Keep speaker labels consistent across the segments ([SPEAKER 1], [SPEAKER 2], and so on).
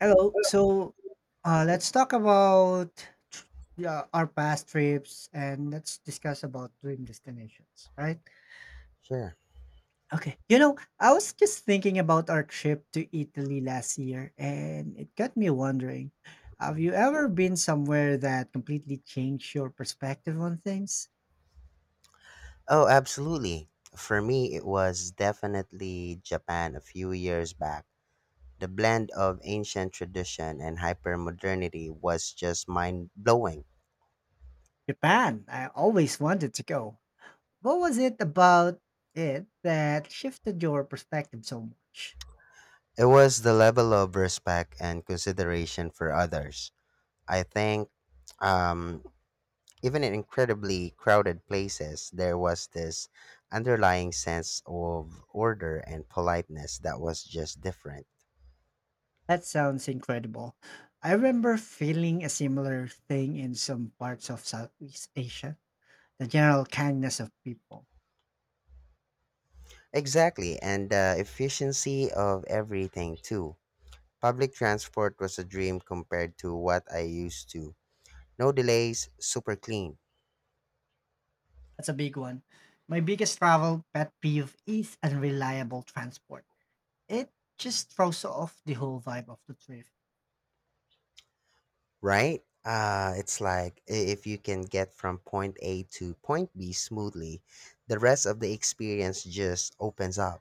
[SPEAKER 1] Hello. So, let's talk about tr- yeah, our past trips and let's discuss about dream destinations, right?
[SPEAKER 2] Sure.
[SPEAKER 1] Okay. You know, I was just thinking about our trip to Italy last year and it got me wondering, have you ever been somewhere that completely changed your perspective on things?
[SPEAKER 2] Oh, absolutely. For me, it was definitely Japan a few years back. The blend of ancient tradition and hypermodernity was just mind blowing.
[SPEAKER 1] Japan, I always wanted to go. What was it about it that shifted your perspective so much?
[SPEAKER 2] It was the level of respect and consideration for others. I think, um, even in incredibly crowded places, there was this underlying sense of order and politeness that was just different.
[SPEAKER 1] That sounds incredible. I remember feeling a similar thing in some parts of Southeast Asia. The general kindness of people.
[SPEAKER 2] Exactly, and the efficiency of everything too. Public transport was a dream compared to what I used to. No delays, super clean,
[SPEAKER 1] That's a big one. My biggest travel pet peeve is unreliable transport. It just throws off the whole vibe of the trip.
[SPEAKER 2] right? If you can get from point A to point B smoothly, the rest of the experience just opens up.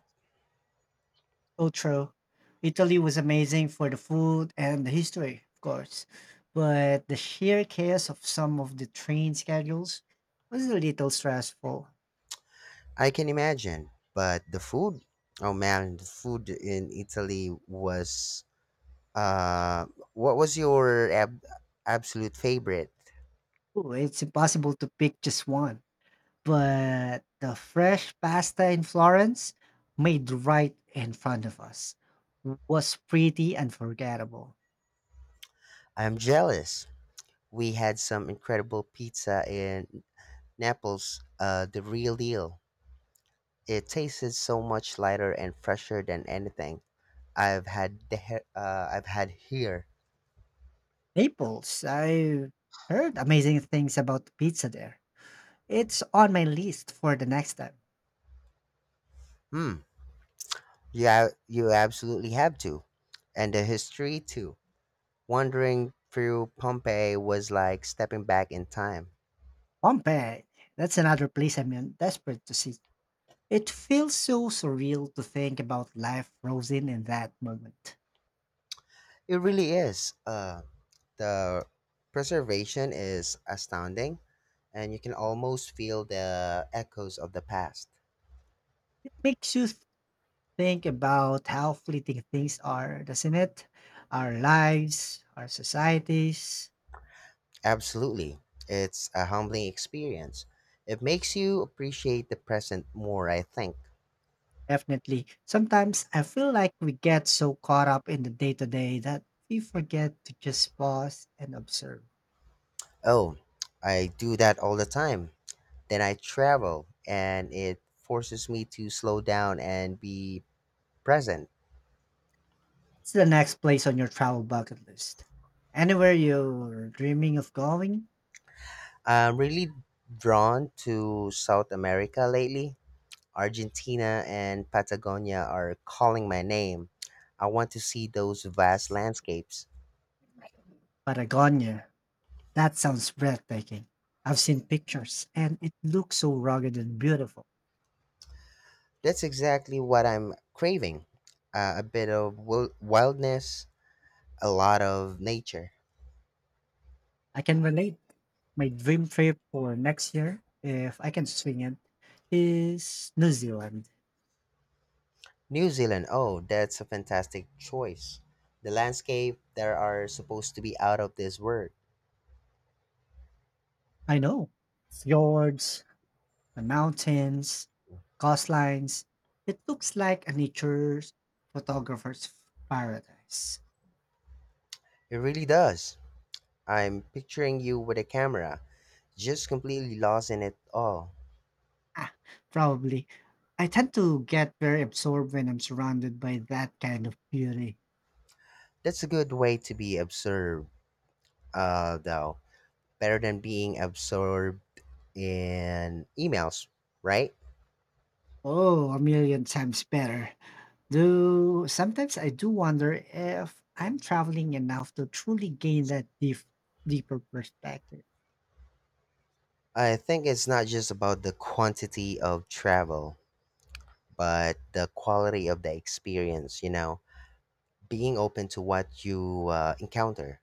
[SPEAKER 1] Oh, true. Italy was amazing for the food and the history, of course, but the sheer chaos of some of the train schedules was a little stressful.
[SPEAKER 2] I can imagine, but the food, oh man, the food in Italy was Uh, what was your absolute favorite?
[SPEAKER 1] Ooh, it's impossible to pick just one. But the fresh pasta in Florence, made right in front of us, was pretty unforgettable.
[SPEAKER 2] I'm jealous. We had some incredible pizza in Naples, the real deal. It tasted so much lighter and fresher than anything I've had here.
[SPEAKER 1] Naples, I heard amazing things about the pizza there. It's on my list for the next time.
[SPEAKER 2] Hmm. Yeah, you absolutely have to, and the history too. Wandering through Pompeii was like stepping back in time.
[SPEAKER 1] Pompeii, that's another place I'm desperate to see. It feels so surreal to think about life frozen in that moment.
[SPEAKER 2] It really is. The preservation is astounding and you can almost feel the echoes of the past.
[SPEAKER 1] It makes you think about how fleeting things are, doesn't it? Our lives, our societies.
[SPEAKER 2] Absolutely. It's a humbling experience. It makes you appreciate the present more, I think.
[SPEAKER 1] Definitely. Sometimes I feel like we get so caught up in the day to day that we forget to just pause and observe.
[SPEAKER 2] Oh, I do that all the time. Then I travel and it forces me to slow down and be present.
[SPEAKER 1] It's the next place on your travel bucket list. Anywhere you're dreaming of going?
[SPEAKER 2] I'm really drawn to South America lately. Argentina and Patagonia are calling my name. I want to see those vast landscapes.
[SPEAKER 1] Patagonia. That sounds breathtaking. I've seen pictures and it looks so rugged and beautiful.
[SPEAKER 2] That's exactly what I'm craving, a bit of wildness, a lot of nature.
[SPEAKER 1] I can relate. My dream trip for next year, if I can swing it, is New Zealand.
[SPEAKER 2] New Zealand, oh, that's a fantastic choice. The landscape there are supposed to be out of this world.
[SPEAKER 1] I know. Fjords, the mountains, coastlines. It looks like a nature photographer's paradise.
[SPEAKER 2] It really does. I'm picturing you with a camera, just completely lost in it all.
[SPEAKER 1] Ah, probably. I tend to get very absorbed when I'm surrounded by that kind of beauty.
[SPEAKER 2] That's a good way to be absorbed, though. Better than being absorbed in emails, right?
[SPEAKER 1] Oh, a million times better. Do sometimes I do wonder if I'm traveling enough to truly gain that deep, deeper perspective.
[SPEAKER 2] I think it's not just about the quantity of travel but the quality of the experience, you know, being open to what you encounter.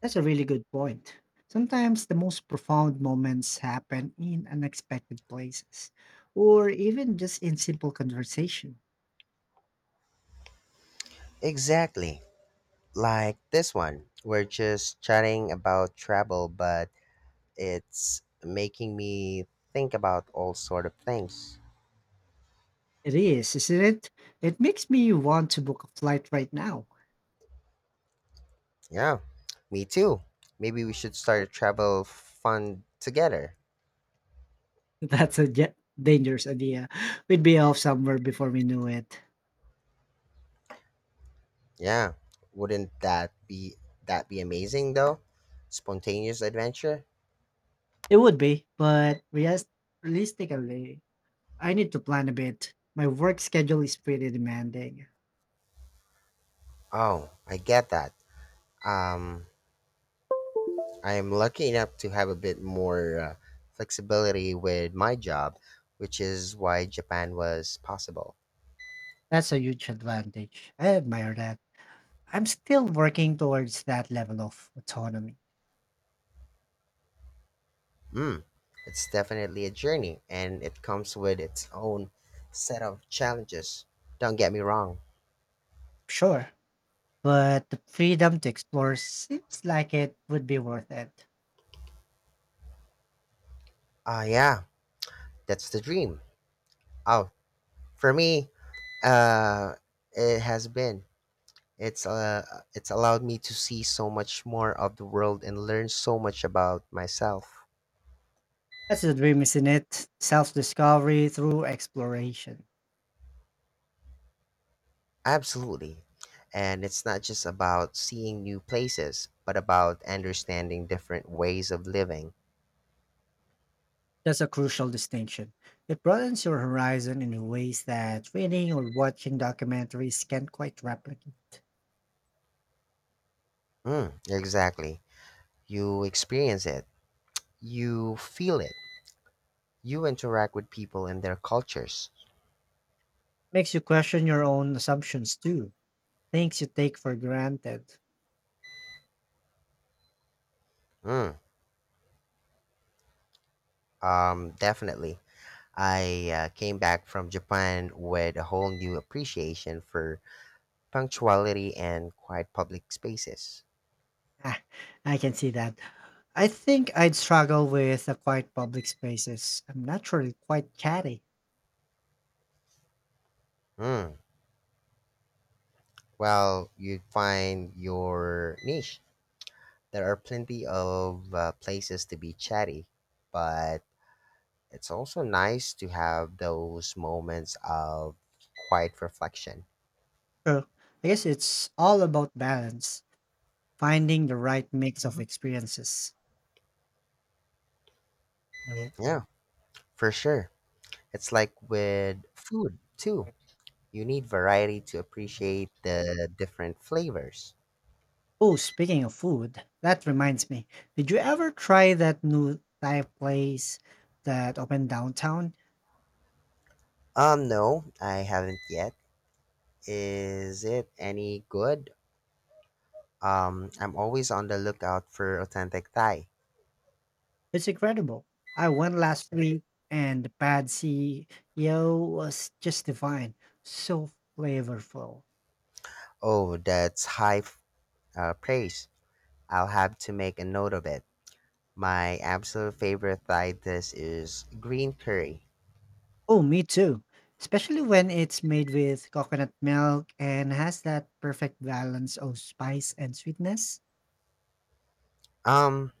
[SPEAKER 1] That's a really good point. Sometimes the most profound moments happen in unexpected places, or even just in simple conversation.
[SPEAKER 2] Exactly. Like this one. We're just chatting about travel, but it's making me think about all sort of things.
[SPEAKER 1] It is, isn't it? It makes me want to book a flight right now.
[SPEAKER 2] Yeah, me too. Maybe we should start a travel fund together.
[SPEAKER 1] That's a ja- dangerous idea. We'd be off somewhere before we knew it.
[SPEAKER 2] Yeah. Wouldn't that be amazing though? Spontaneous adventure?
[SPEAKER 1] It would be, but realistically, I need to plan a bit. My work schedule is pretty demanding.
[SPEAKER 2] Oh, I get that. Um I am lucky enough to have a bit more flexibility with my job, which is why Japan was possible.
[SPEAKER 1] That's a huge advantage. I admire that. I'm still working towards that level of autonomy.
[SPEAKER 2] Mm, it's definitely a journey, and it comes with its own set of challenges. Don't get me wrong.
[SPEAKER 1] Sure, but the freedom to explore seems like it would be worth it.
[SPEAKER 2] Ah, yeah, that's the dream. Oh, for me, uh, it has been. It's uh, it's allowed me to see so much more of the world and learn so much about myself.
[SPEAKER 1] That's the dream, isn't it? Self discovery through exploration.
[SPEAKER 2] Absolutely. And it's not just about seeing new places, but about understanding different ways of living.
[SPEAKER 1] That's a crucial distinction. It broadens your horizon in ways that reading or watching documentaries can't quite replicate.
[SPEAKER 2] Mm, exactly. You experience it, you feel it, you interact with people and their cultures.
[SPEAKER 1] Makes you question your own assumptions too. Things you take for granted.
[SPEAKER 2] Mm, Definitely. I came back from Japan with a whole new appreciation for punctuality and quiet public spaces.
[SPEAKER 1] Ah, I can see that. I think I'd struggle with the quiet public spaces. I'm naturally quite chatty.
[SPEAKER 2] Mm, well, you find your niche. There are plenty of places to be chatty, but it's also nice to have those moments of quiet reflection.
[SPEAKER 1] So I guess it's all about balance, finding the right mix of experiences.
[SPEAKER 2] Yeah, for sure. It's like with food too. You need variety to appreciate the different flavors.
[SPEAKER 1] Oh, speaking of food, that reminds me. Did you ever try that new Thai place that opened downtown?
[SPEAKER 2] No, I haven't yet. Is it any good? I'm always on the lookout for authentic Thai.
[SPEAKER 1] It's incredible. I went last week and the pad CEO was just divine. So flavorful.
[SPEAKER 2] Oh, that's high praise. I'll have to make a note of it. My absolute favorite side dish is green curry.
[SPEAKER 1] Oh, me too. Especially when it's made with coconut milk and has that perfect balance of spice and sweetness.
[SPEAKER 2] Um,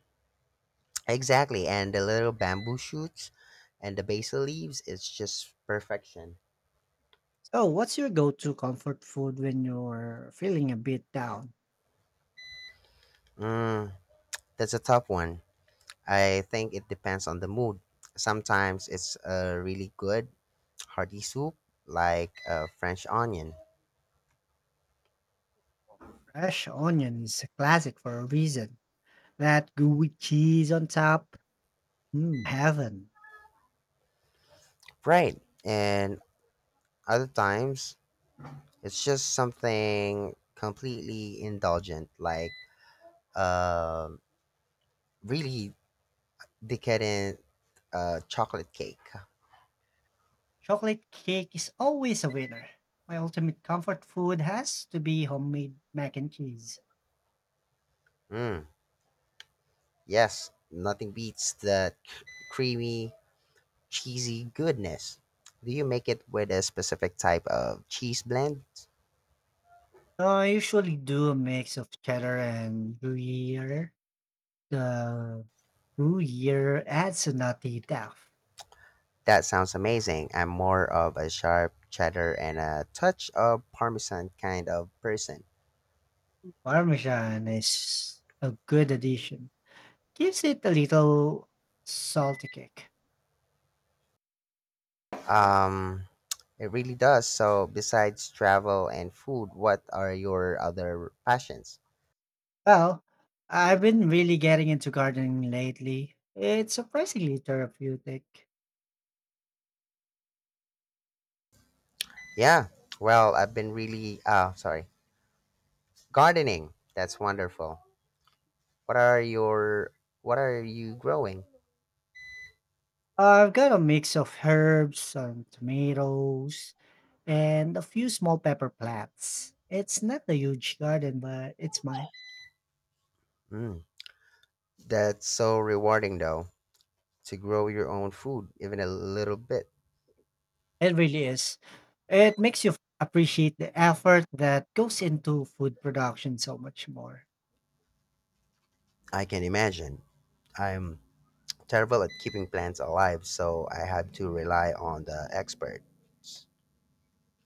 [SPEAKER 2] exactly, and the little bamboo shoots and the basil leaves, it's just perfection.
[SPEAKER 1] So, what's your go to comfort food when you're feeling a bit down?
[SPEAKER 2] Mm, that's a tough one. I think it depends on the mood. Sometimes it's a really good hearty soup, like a French onion.
[SPEAKER 1] Fresh onion is a classic for a reason. That gooey cheese on top, mm, heaven.
[SPEAKER 2] Right, and other times it's just something completely indulgent, like uh, really decadent chocolate cake.
[SPEAKER 1] Chocolate cake is always a winner. My ultimate comfort food has to be homemade mac and cheese.
[SPEAKER 2] Mm, yes, nothing beats that creamy, cheesy goodness. Do you make it with a specific type of cheese blend?
[SPEAKER 1] I usually do a mix of cheddar and gruyere. The gruyere adds a nutty depth.
[SPEAKER 2] That sounds amazing. I'm more of a sharp cheddar and a touch of parmesan kind of person.
[SPEAKER 1] Parmesan is a good addition. Gives it a little salty kick.
[SPEAKER 2] Um, it really does. So, besides travel and food, what are your other passions?
[SPEAKER 1] Well, I've been really getting into gardening lately. It's surprisingly therapeutic.
[SPEAKER 2] Yeah, well, I've been really, sorry, gardening. That's wonderful. What are your what are you growing?
[SPEAKER 1] I've got a mix of herbs, some tomatoes, and a few small pepper plants. It's not a huge garden, but it's mine.
[SPEAKER 2] Mm, that's so rewarding though, to grow your own food, even a little bit.
[SPEAKER 1] It really is. It makes you appreciate the effort that goes into food production so much more.
[SPEAKER 2] I can imagine. I'm terrible at keeping plants alive, so I had to rely on the expert.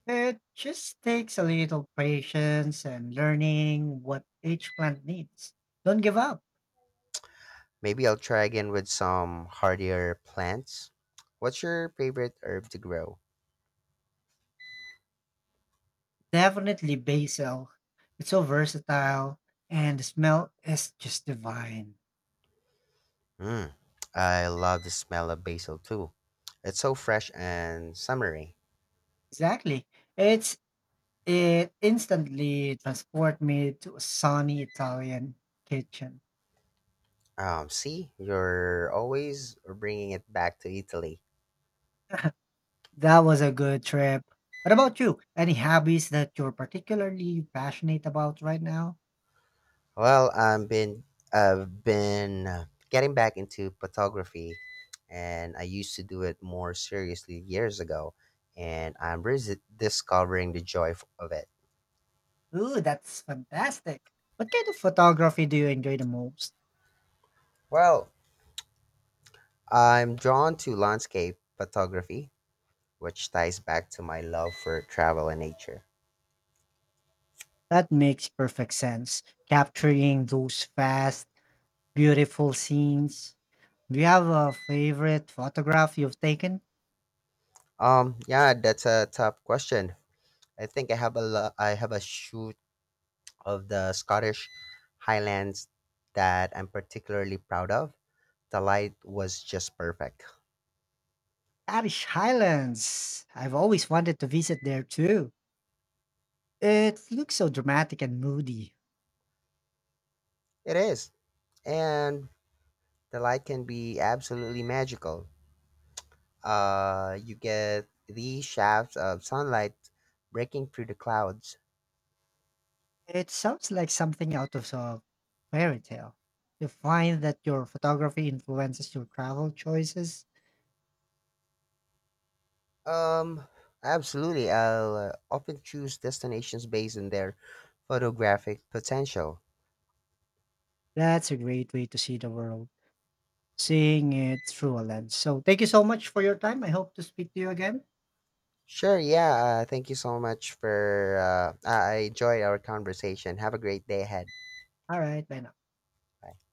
[SPEAKER 1] It just takes a little patience and learning what each plant needs. Don't give up.
[SPEAKER 2] Maybe I'll try again with some hardier plants. What's your favorite herb to grow?
[SPEAKER 1] Definitely basil. It's so versatile and the smell is just divine.
[SPEAKER 2] Mm, I love the smell of basil too. It's so fresh and summery.
[SPEAKER 1] Exactly. It's it instantly transport me to a sunny Italian kitchen.
[SPEAKER 2] See, you're always bringing it back to Italy.
[SPEAKER 1] That was a good trip. What about you? Any hobbies that you're particularly passionate about right now?
[SPEAKER 2] Well, I've been getting back into photography, and I used to do it more seriously years ago, and I'm discovering the joy of it.
[SPEAKER 1] Ooh, that's fantastic. What kind of photography do you enjoy the most?
[SPEAKER 2] Well, I'm drawn to landscape photography, which ties back to my love for travel and nature.
[SPEAKER 1] That makes perfect sense. Capturing those fast, beautiful scenes. Do you have a favorite photograph you've taken?
[SPEAKER 2] Yeah, that's a tough question. I think I have a huge of the Scottish Highlands that I'm particularly proud of. The light was just perfect.
[SPEAKER 1] Irish Highlands. I've always wanted to visit there too. It looks so dramatic and moody.
[SPEAKER 2] It is. And the light can be absolutely magical. You get these shafts of sunlight breaking through the clouds.
[SPEAKER 1] It sounds like something out of a fairy tale. You find that your photography influences your travel choices.
[SPEAKER 2] Um, Absolutely. I'll often choose destinations based on their photographic potential.
[SPEAKER 1] That's a great way to see the world, seeing it through a lens. So, thank you so much for your time. I hope to speak to you again.
[SPEAKER 2] Sure, yeah. Thank you so much for. I enjoyed our conversation. Have a great day ahead.
[SPEAKER 1] All right, bye now.
[SPEAKER 2] Bye.